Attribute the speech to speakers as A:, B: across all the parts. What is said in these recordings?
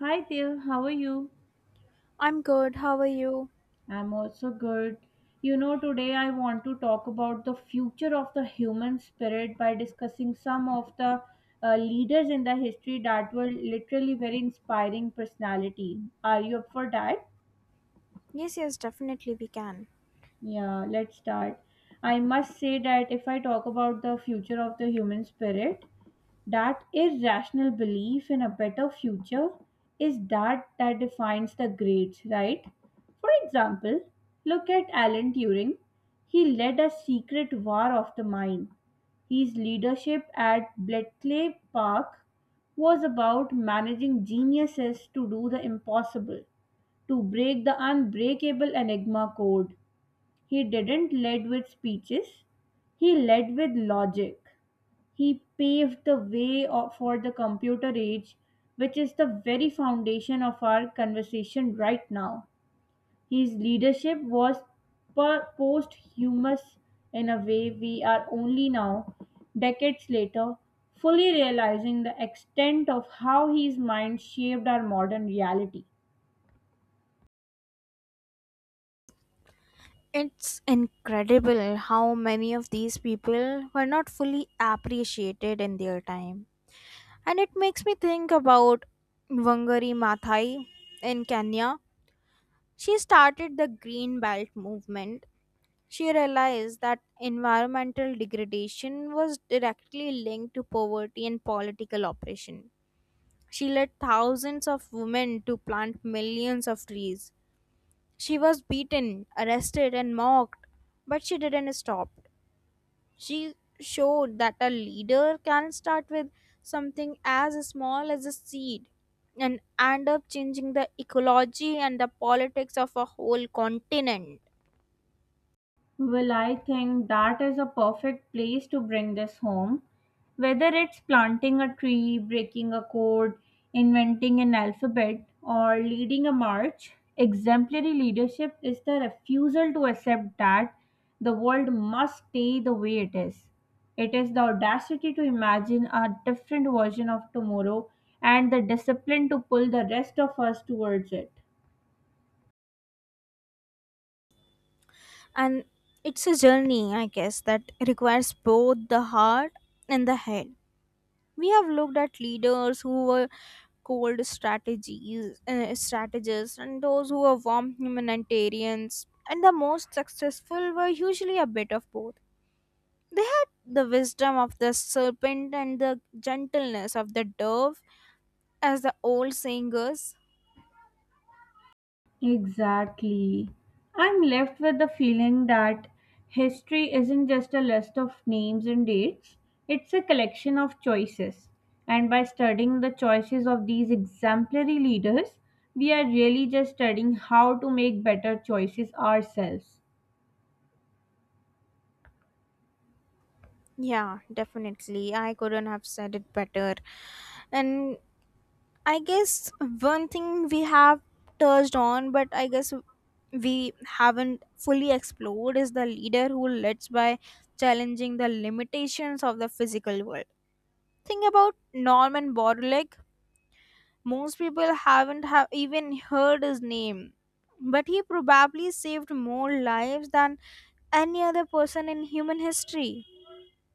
A: Hi there, how are you?
B: I'm good. How are you?
A: I'm also good. You know, today I want to talk about the future of the human spirit by discussing some of the leaders in the history that were literally very inspiring personality. Are you up for that?
B: Yes, yes, definitely we can.
A: Yeah, let's start. I must say that if I talk about the future of the human spirit, that irrational belief in a better future is that defines the greats, right? For example, look at Alan Turing. He led a secret war of the mind. His leadership at Bletchley Park was about managing geniuses to do the impossible, to break the unbreakable Enigma code. He didn't lead with speeches, he led with logic. He paved the way for the computer age, which is the very foundation of our conversation right now. His leadership was posthumous in a way we are only now, decades later, fully realizing the extent of how his mind shaped our modern reality.
B: It's incredible how many of these people were not fully appreciated in their time. And it makes me think about Wangari Maathai in Kenya. She started the Green Belt movement. She realized that environmental degradation was directly linked to poverty and political oppression. She led thousands of women to plant millions of trees. She was beaten, arrested, and mocked, but she didn't stop. She showed that a leader can start with something as small as a seed and end up changing the ecology and the politics of a whole continent.
A: Well, I think that is a perfect place to bring this home. Whether it's planting a tree, breaking a code, inventing an alphabet, or leading a march, exemplary leadership is the refusal to accept that the world must stay the way it is. It is the audacity to imagine a different version of tomorrow and the discipline to pull the rest of us towards it.
B: And it's a journey, I guess, that requires both the heart and the head. We have looked at leaders who were cold strategies, strategists, and those who were warm humanitarians. And the most successful were usually a bit of both. They had the wisdom of the serpent and the gentleness of the dove, as the old saying goes.
A: Exactly. I'm left with the feeling that history isn't just a list of names and dates, it's a collection of choices. And by studying the choices of these exemplary leaders, we are really just studying how to make better choices ourselves.
B: Yeah, definitely. I couldn't have said it better. And I guess one thing we have touched on, but I guess we haven't fully explored is the leader who leads by challenging the limitations of the physical world. Think about Norman Borlaug. Most people haven't have even heard his name, but he probably saved more lives than any other person in human history.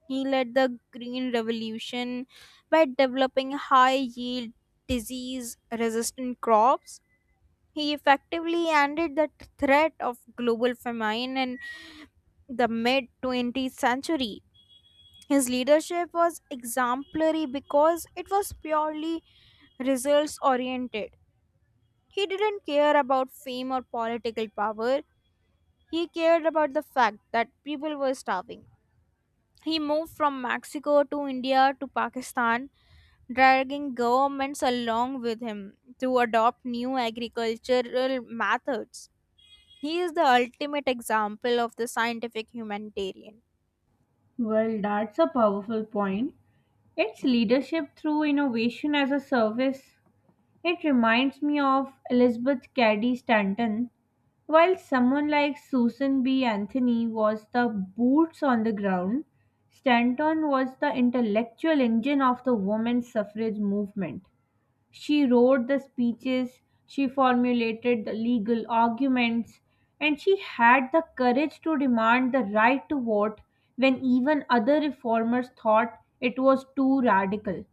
B: He led the Green Revolution by developing high yield, disease resistant crops. He effectively ended the threat of global famine in the mid 20th century. His leadership was exemplary because it was purely results oriented. He didn't care about fame or political power. He cared about the fact that people were starving. He moved from Mexico to India to Pakistan, dragging governments along with him to adopt new agricultural methods. He is the ultimate example of the scientific humanitarian.
A: Well, that's a powerful point. It's leadership through innovation as a service. It reminds me of Elizabeth Cady Stanton. While someone like Susan B. Anthony was the boots on the ground, Stanton was the intellectual engine of the women's suffrage movement. She wrote the speeches, she formulated the legal arguments, and she had the courage to demand the right to vote when even other reformers thought it was too radical.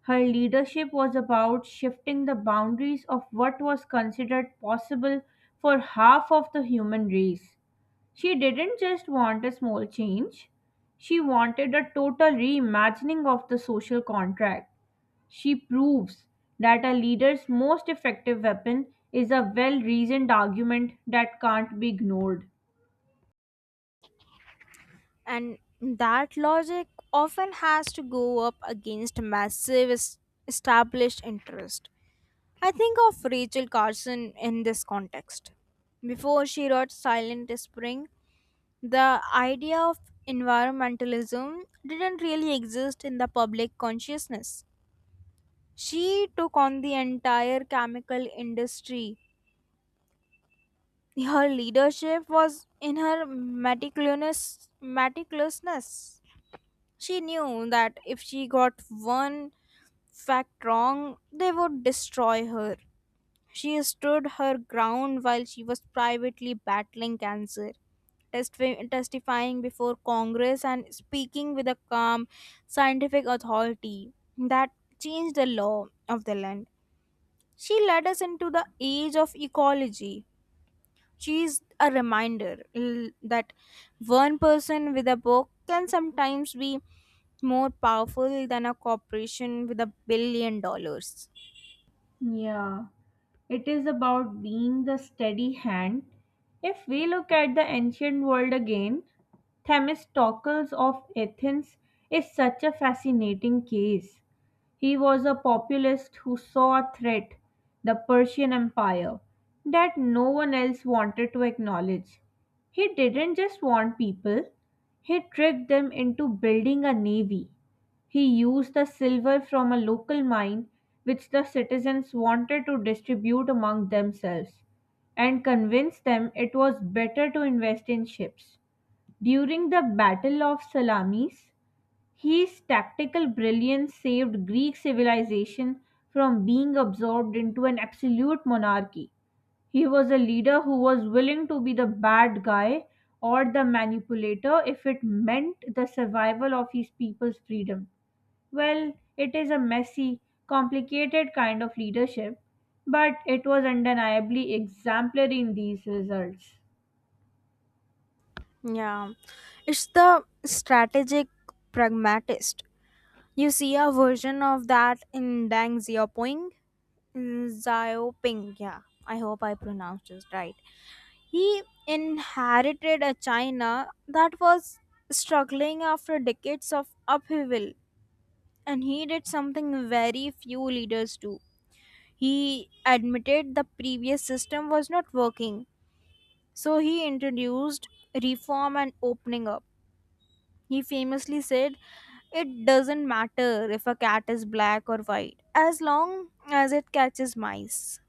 A: Her leadership was about shifting the boundaries of what was considered possible for half of the human race. She didn't just want a small change, she wanted a total reimagining of the social contract. She proves that a leader's most effective weapon is a well reasoned argument that can't be ignored.
B: And that logic often has to go up against massive established interest. I think of Rachel Carson in this context. Before she wrote Silent Spring, the idea of environmentalism didn't really exist in the public consciousness. She took on the entire chemical industry. Her leadership was in her meticulousness. She knew that if she got one fact wrong, they would destroy her. She stood her ground while she was privately battling cancer, testifying before Congress and speaking with a calm, scientific authority that changed the law of the land. She led us into the age of ecology. She's a reminder that one person with a book can sometimes be more powerful than a corporation with $1 billion.
A: Yeah, it is about being the steady hand. If we look at the ancient world again, Themistocles of Athens is such a fascinating case. He was a populist who saw a threat, the Persian Empire, that no one else wanted to acknowledge. He didn't just want people, he tricked them into building a navy. He used the silver from a local mine, which the citizens wanted to distribute among themselves, and convinced them it was better to invest in ships. During the Battle of Salamis, his tactical brilliance saved Greek civilization from being absorbed into an absolute monarchy. He was a leader who was willing to be the bad guy or the manipulator if it meant the survival of his people's freedom. Well, it is a messy, complicated kind of leadership, but it was undeniably exemplary in these results.
B: Yeah, it's the strategic pragmatist. You see a version of that in Deng Xiaoping. Xiaoping, yeah, I hope I pronounced this right. He inherited a China that was struggling after decades of upheaval. And he did something very few leaders do. He admitted the previous system was not working, so he introduced reform and opening up. He famously said, "It doesn't matter if a cat is black or white, as long as it catches mice."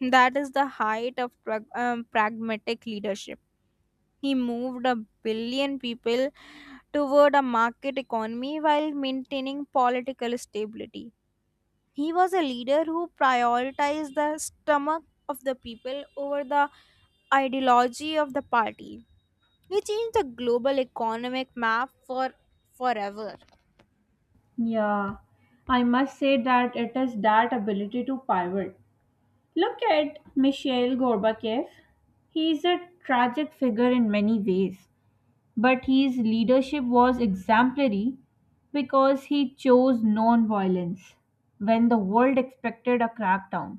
B: That is the height of pragmatic leadership. He moved a billion people toward a market economy while maintaining political stability. He was a leader who prioritized the stomach of the people over the ideology of the party. He changed the global economic map for forever.
A: Yeah, I must say that it is that ability to pivot. Look at Mikhail Gorbachev. He is a tragic figure in many ways, but his leadership was exemplary because he chose non-violence when the world expected a crackdown.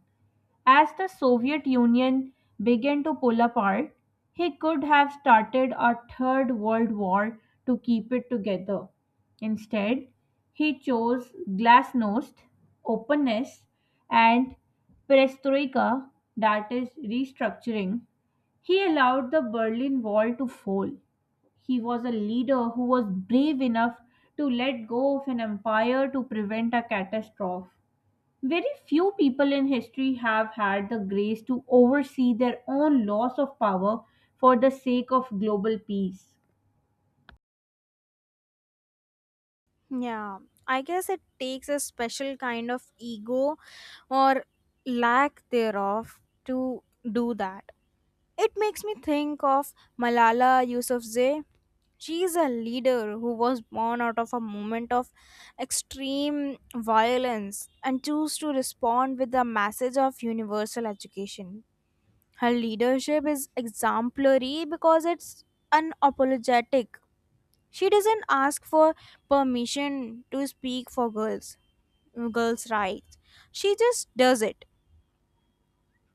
A: As the Soviet Union began to pull apart, he could have started a third world war to keep it together. Instead, he chose glasnost, openness, and perestroika, that is, restructuring. He allowed the Berlin Wall to fall. He was a leader who was brave enough to let go of an empire to prevent a catastrophe. Very few people in history have had the grace to oversee their own loss of power for the sake of global peace.
B: Yeah, I guess it takes a special kind of ego or lack thereof to do that. It makes me think of Malala Yousafzai. She is a leader who was born out of a moment of extreme violence and chose to respond with the message of universal education. Her leadership is exemplary because it's unapologetic. She doesn't ask for permission to speak for girls' rights. She just does it.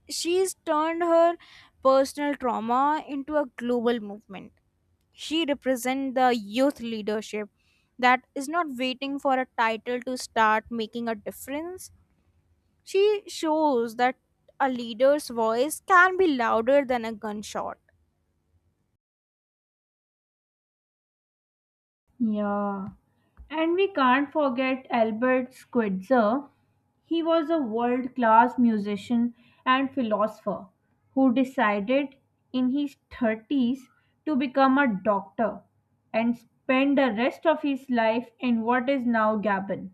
B: She's turned her personal trauma into a global movement. She represents the youth leadership that is not waiting for a title to start making a difference. She shows that a leader's voice can be louder than a gunshot.
A: Yeah. And we can't forget Albert Schweitzer. He was a world class musician and philosopher who decided in his 30s to become a doctor and spend the rest of his life in what is now Gabon.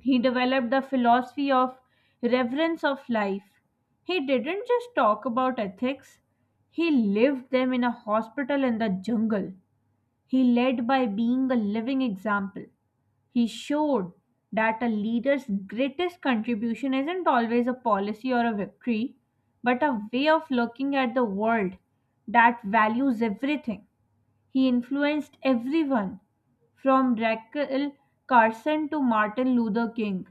A: He developed the philosophy of reverence of life. He didn't just talk about ethics, he lived them in a hospital in the jungle. He led by being a living example. He showed that a leader's greatest contribution isn't always a policy or a victory, but a way of looking at the world that values everything. He influenced everyone, from Rachel Carson to Martin Luther King.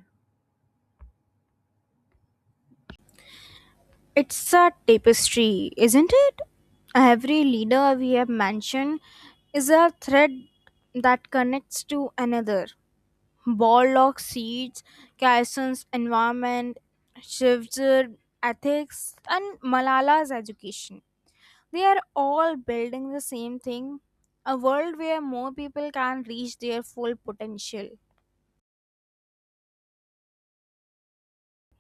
B: It's a tapestry, isn't it? Every leader we have mentioned is a thread that connects to another. Baldock seeds, Kyasan's environment, Shiv's ethics, and Malala's education. They are all building the same thing, a world where more people can reach their full potential.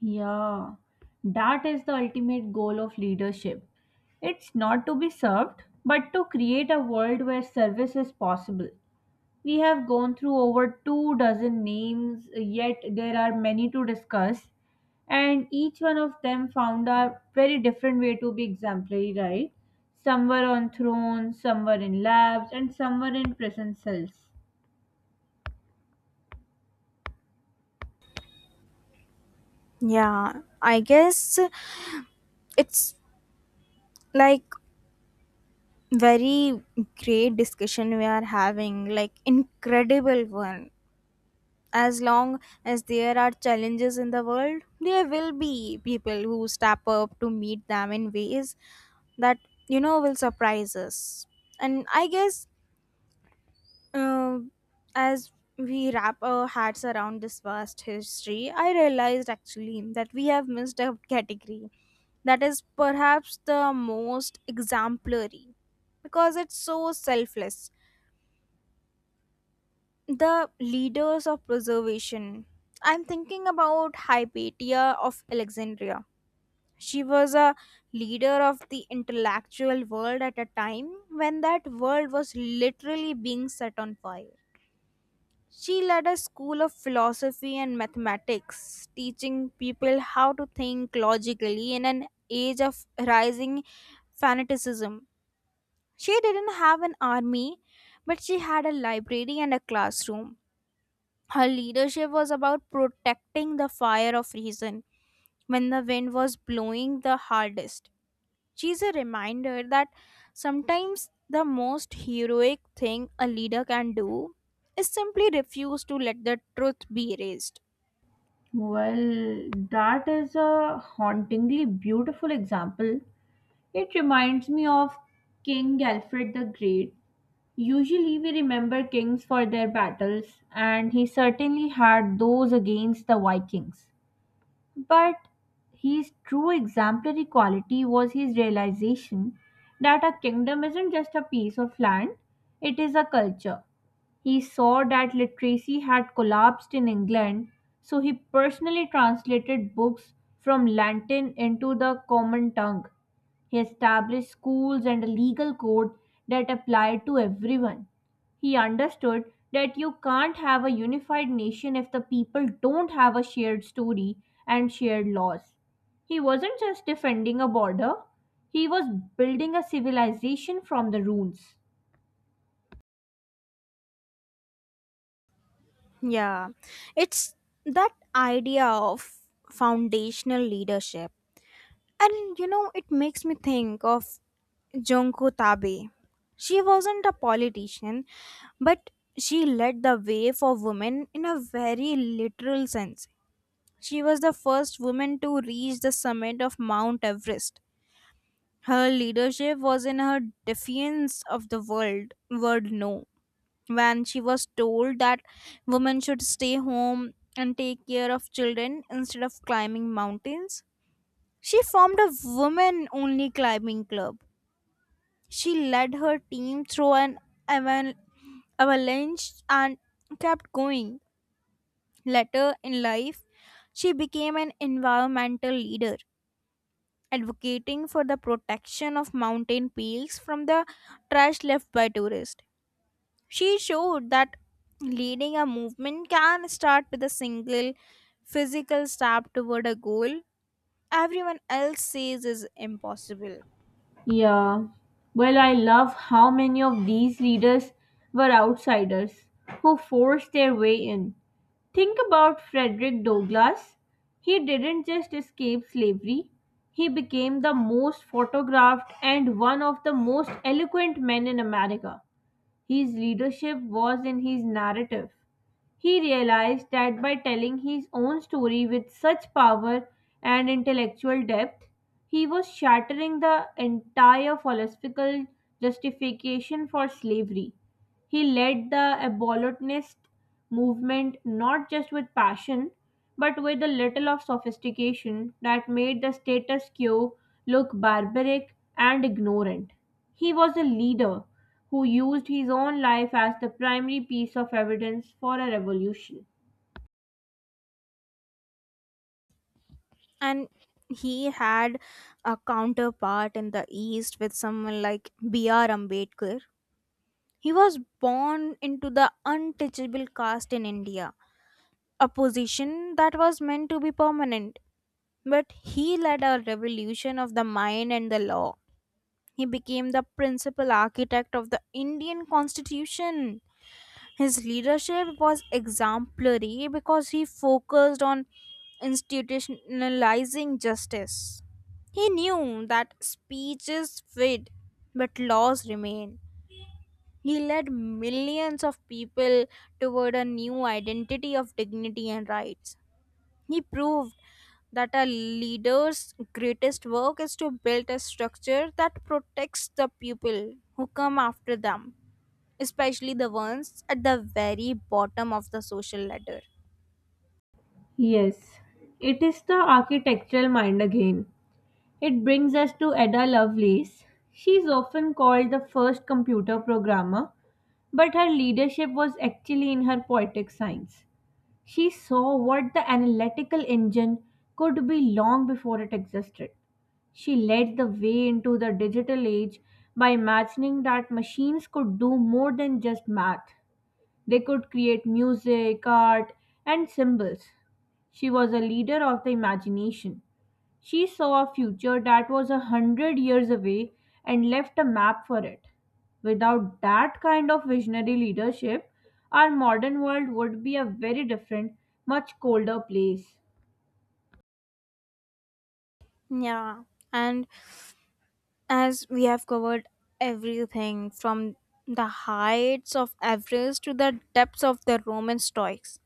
A: Yeah, that is the ultimate goal of leadership. It's not to be served, but to create a world where service is possible. We have gone through over two dozen names, yet there are many to discuss, and each one of them found a very different way to be exemplary, right? Some were on thrones, some were in labs, and some were in prison cells.
B: Yeah, I guess it's like very great discussion we are having, like incredible one. As long as there are challenges in the world, there will be people who step up to meet them in ways that you know will surprise us. And I guess Um, as we wrap our heads around this vast history, I realized actually that we have missed a category that is perhaps the most exemplary because it's so selfless. The leaders of preservation. I'm thinking about Hypatia of Alexandria. She was a leader of the intellectual world at a time when that world was literally being set on fire. She led a school of philosophy and mathematics, teaching people how to think logically in an age of rising fanaticism. She didn't have an army, but she had a library and a classroom. Her leadership was about protecting the fire of reason when the wind was blowing the hardest. She's a reminder that sometimes the most heroic thing a leader can do is simply refuse to let the truth be erased.
A: Well, that is a hauntingly beautiful example. It reminds me of King Alfred the Great. Usually we remember kings for their battles, and he certainly had those against the Vikings. But his true exemplary quality was his realization that a kingdom isn't just a piece of land, it is a culture. He saw that literacy had collapsed in England, so he personally translated books from Latin into the common tongue. He established schools and a legal code that applied to everyone. He understood that you can't have a unified nation if the people don't have a shared story and shared laws. He wasn't just defending a border, he was building a civilization from the rules.
B: Yeah, it's that idea of foundational leadership. And you know, it makes me think of Junko Tabe. She wasn't a politician, but she led the way for women in a very literal sense. She was the first woman to reach the summit of Mount Everest. Her leadership was in her defiance of the world word no. When she was told that women should stay home and take care of children instead of climbing mountains, she formed a women only climbing club. She led her team through an aval- avalanche and kept going. Later in life, she became an environmental leader advocating for the protection of mountain peaks from the trash left by tourists. She showed that leading a movement can start with a single physical step toward a goal everyone else says is impossible.
A: Yeah. Well, I love how many of these leaders were outsiders who forced their way in. Think about Frederick Douglass. He didn't just escape slavery, he became the most photographed and one of the most eloquent men in America. His leadership was in his narrative. He realized that by telling his own story with such power and intellectual depth, he was shattering the entire philosophical justification for slavery. He led the abolitionist movement not just with passion, but with a little of sophistication that made the status quo look barbaric and ignorant. He was a leader who used his own life as the primary piece of evidence for a revolution.
B: And he had a counterpart in the East with someone like B.R. Ambedkar. He was born into the untouchable caste in India, a position that was meant to be permanent. But he led a revolution of the mind and the law. He became the principal architect of the Indian Constitution. His leadership was exemplary because he focused on institutionalizing justice. He knew that speeches fade, but laws remain. He led millions of people toward a new identity of dignity and rights. He proved that a leader's greatest work is to build a structure that protects the people who come after them, especially the ones at the very bottom of the social ladder.
A: Yes, it is the architectural mind again. It brings us to Ada Lovelace. She is often called the first computer programmer. But her leadership was actually in her poetic science. She saw what the analytical engine could be long before it existed. She led the way into the digital age by imagining that machines could do more than just math. They could create music, art, and symbols. She was a leader of the imagination. She saw a future that was 100 years away and left a map for it. Without that kind of visionary leadership, our modern world would be a very different, much colder place.
B: Yeah, and as we have covered everything from the heights of Everest to the depths of the Roman Stoics,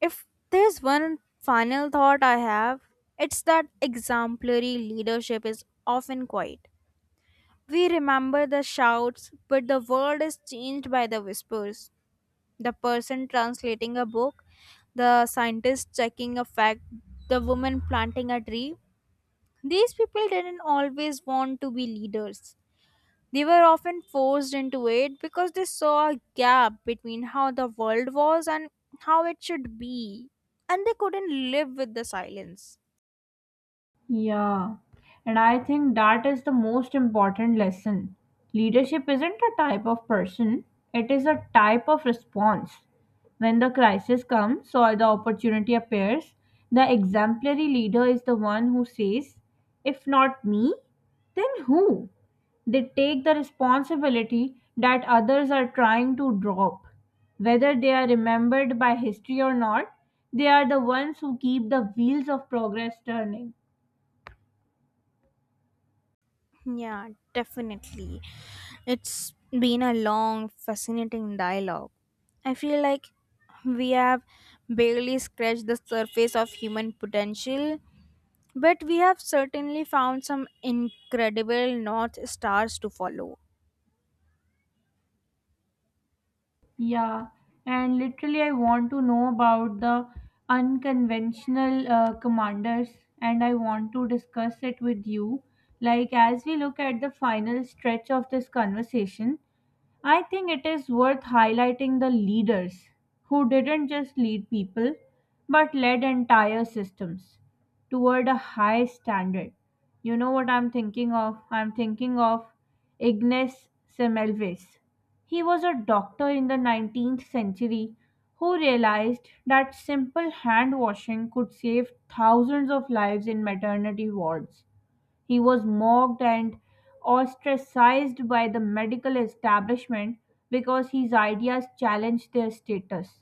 B: if there's one final thought I have, it's that exemplary leadership is often quiet. We remember the shouts, but the world is changed by the whispers. The person translating a book, the scientist checking a fact, the woman planting a tree. These people didn't always want to be leaders. They were often forced into it because they saw a gap between how the world was and how it should be, and they couldn't live with the silence.
A: Yeah, and I think that is the most important lesson. Leadership isn't a type of person, it is a type of response. When the crisis comes or the opportunity appears, the exemplary leader is the one who says, if not me, then who? They take the responsibility that others are trying to drop. Whether they are remembered by history or not, they are the ones who keep the wheels of progress turning.
B: Yeah, definitely. It's been a long, fascinating dialogue. I feel like we have barely scratched the surface of human potential, but we have certainly found some incredible North Stars to follow.
A: Yeah, and literally, I want to know about the unconventional commanders, and I want to discuss it with you. Like, as we look at the final stretch of this conversation, I think it is worth highlighting the leaders who didn't just lead people but led entire systems toward a high standard. You know what I'm thinking of? I'm thinking of Ignace Semmelweis. He was a doctor in the 19th century who realized that simple hand washing could save thousands of lives in maternity wards. He was mocked and ostracized by the medical establishment because his ideas challenged their status,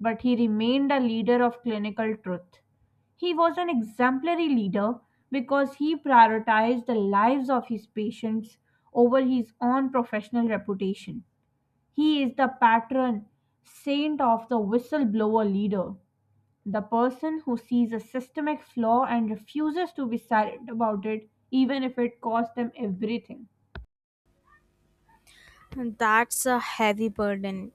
A: but he remained a leader of clinical truth. He was an exemplary leader because he prioritized the lives of his patients over his own professional reputation. He is the patron saint of the whistleblower leader, the person who sees a systemic flaw and refuses to be silent about it, even if it costs them everything.
B: And that's a heavy burden.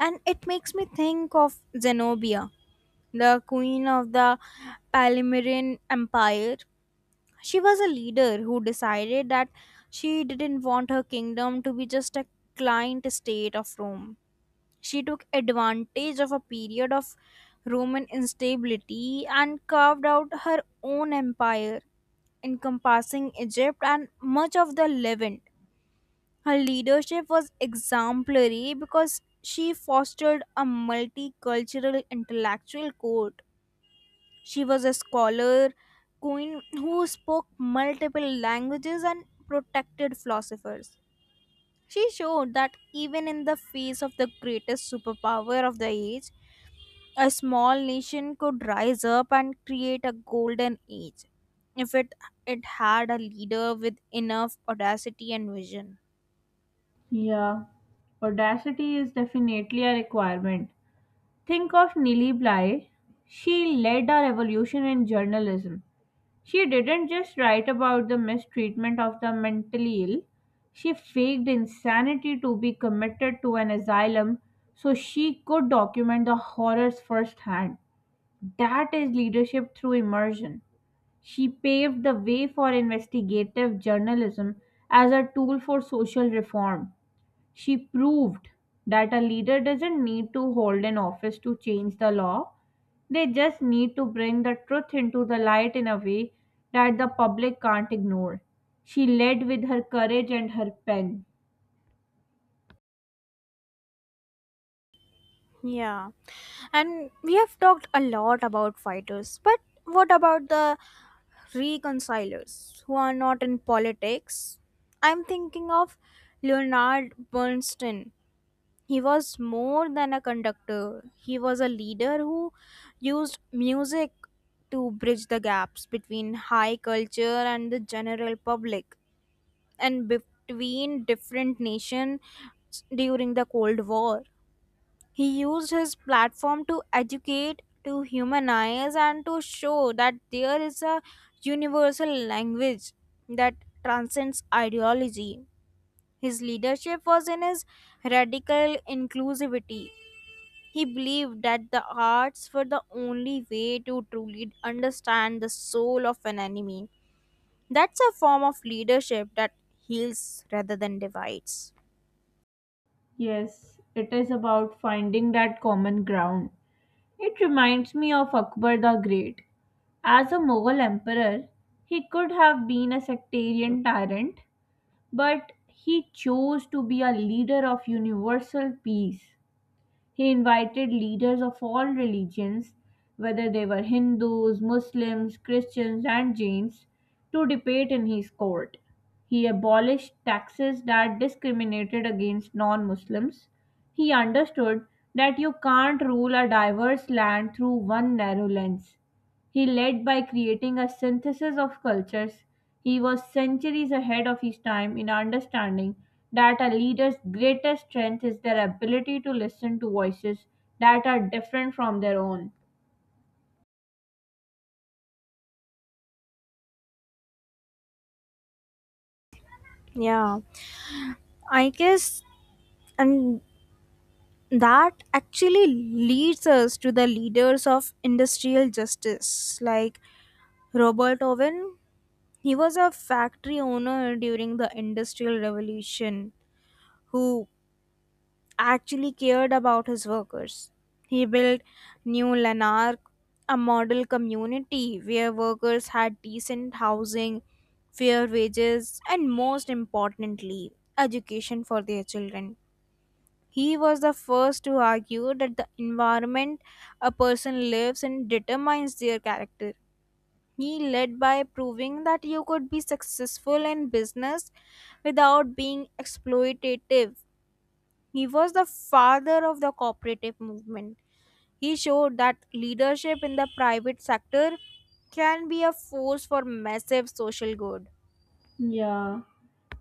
B: And it makes me think of Zenobia, the queen of the Palmyrean Empire. She was a leader who decided that she didn't want her kingdom to be just a client state of Rome. She took advantage of a period of Roman instability and carved out her own empire, encompassing Egypt and much of the Levant. Her leadership was exemplary because she fostered a multicultural intellectual core. She was a scholar queen who spoke multiple languages and protected philosophers. She showed that even in the face of the greatest superpower of the age, a small nation could rise up and create a golden age if it had a leader with enough audacity and vision.
A: Yeah, audacity is definitely a requirement. Think of Nili Bly. She led a revolution in journalism. She didn't just write about the mistreatment of the mentally ill, she faked insanity to be committed to an asylum so she could document the horrors firsthand. That is leadership through immersion. She paved the way for investigative journalism as a tool for social reform. She proved that a leader doesn't need to hold an office to change the law. They just need to bring the truth into the light in a way that the public can't ignore. She led with her courage and her pen.
B: Yeah. And we have talked a lot about fighters, but what about the reconcilers who are not in politics? I'm thinking of Leonard Bernstein. He was more than a conductor, he was a leader who used music to bridge the gaps between high culture and the general public, and between different nations during the Cold War. He used his platform to educate, to humanize, and to show that there is a universal language that transcends ideology. His leadership was in his radical inclusivity. He believed that the arts were the only way to truly understand the soul of an enemy. That's a form of leadership that heals rather than divides.
A: Yes, it is about finding that common ground. It reminds me of Akbar the Great. As a Mughal emperor, he could have been a sectarian tyrant, but he chose to be a leader of universal peace. He invited leaders of all religions, whether they were Hindus, Muslims, Christians, and Jains, to debate in his court. He abolished taxes that discriminated against non Muslims. He understood that you can't rule a diverse land through one narrow lens. He led by creating a synthesis of cultures. He was centuries ahead of his time in understanding that a leader's greatest strength is their ability to listen to voices that are different from their own.
B: Yeah, I guess, and that actually leads us to the leaders of industrial justice, like Robert Owen. He was a factory owner during the industrial revolution who actually cared about his workers. He built New Lanark, a model community where workers had decent housing, fair wages, and most importantly education for their children. He was the first to argue that the environment a person lives in determines their character. He led by proving that you could be successful in business without being exploitative. He was the father of the cooperative movement. He showed that leadership in the private sector can be a force for massive social good.
A: Yeah.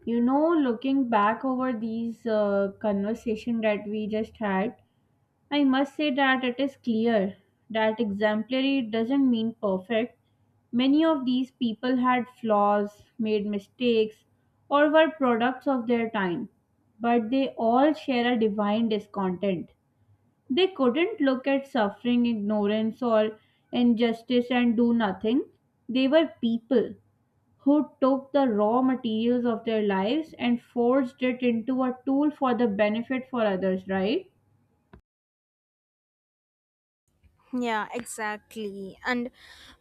A: You know, looking back over these conversation that we just had, I must say that it is clear that exemplary doesn't mean perfect. Many of these people had flaws, made mistakes, or were products of their time, but they all share a divine discontent. They couldn't look at suffering, ignorance, or injustice and do nothing. They were people who took the raw materials of their lives and forged it into a tool for the benefit for others, right?
B: Yeah, exactly. And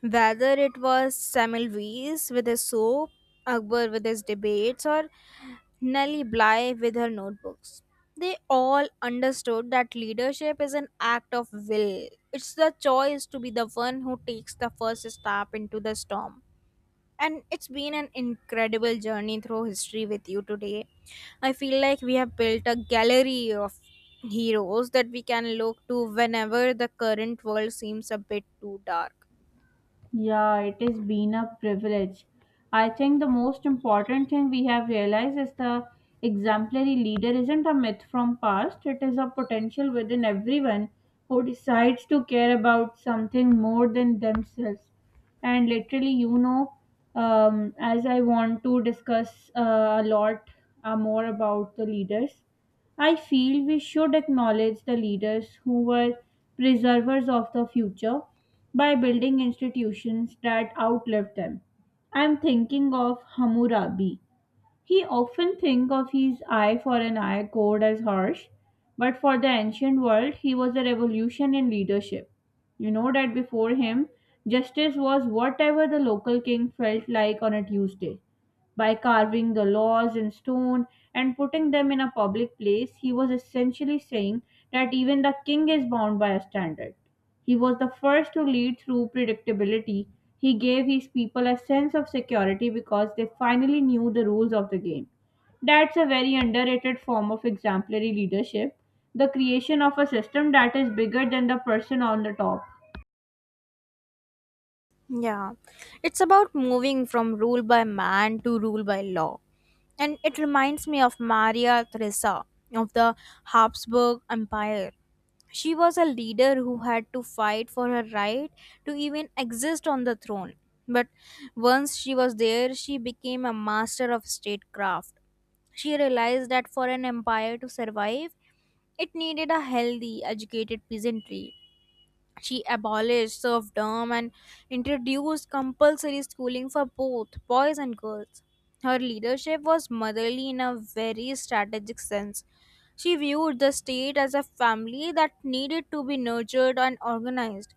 B: whether it was Semmelweis with his soap, Akbar with his debates, or Nellie Bly with her notebooks, they all understood that leadership is an act of will. It's the choice to be the one who takes the first step into the storm. And it's been an incredible journey through history with you today. I feel like we have built a gallery of heroes that we can look to whenever the current world seems a bit too dark.
A: Yeah, it has been a privilege. I think the most important thing we have realized is the exemplary leader isn't a myth from past, it is a potential within everyone who decides to care about something more than themselves. And literally, as I want to discuss a lot more about the leaders. I feel we should acknowledge the leaders who were preservers of the future by building institutions that outlived them. I'm thinking of Hammurabi. He often think of his eye for an eye code as harsh, but for the ancient world, he was a revolution in leadership. You know that before him, justice was whatever the local king felt like on a Tuesday. By carving the laws in stone and putting them in a public place, he was essentially saying that even the king is bound by a standard. He was the first to lead through predictability. He gave his people a sense of security because they finally knew the rules of the game. That's a very underrated form of exemplary leadership, the creation of a system that is bigger than the person on the top.
B: Yeah, it's about moving from rule by man to rule by law. And it reminds me of Maria Theresa of the Habsburg Empire. She was a leader who had to fight for her right to even exist on the throne. But once she was there, she became a master of statecraft. She realized that for an empire to survive, it needed a healthy, educated peasantry. She abolished serfdom and introduced compulsory schooling for both boys and girls. Her leadership was motherly in a very strategic sense. She viewed the state as a family that needed to be nurtured and organized.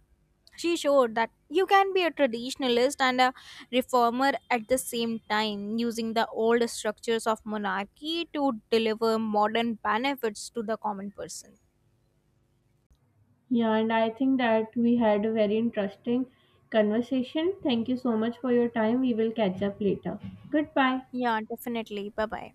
B: She showed that you can be a traditionalist and a reformer at the same time, using the old structures of monarchy to deliver modern benefits to the common person.
A: Yeah, and I think that we had a very interesting conversation. Thank you so much for your time. We will catch up later. Goodbye.
B: Yeah, definitely. Bye bye.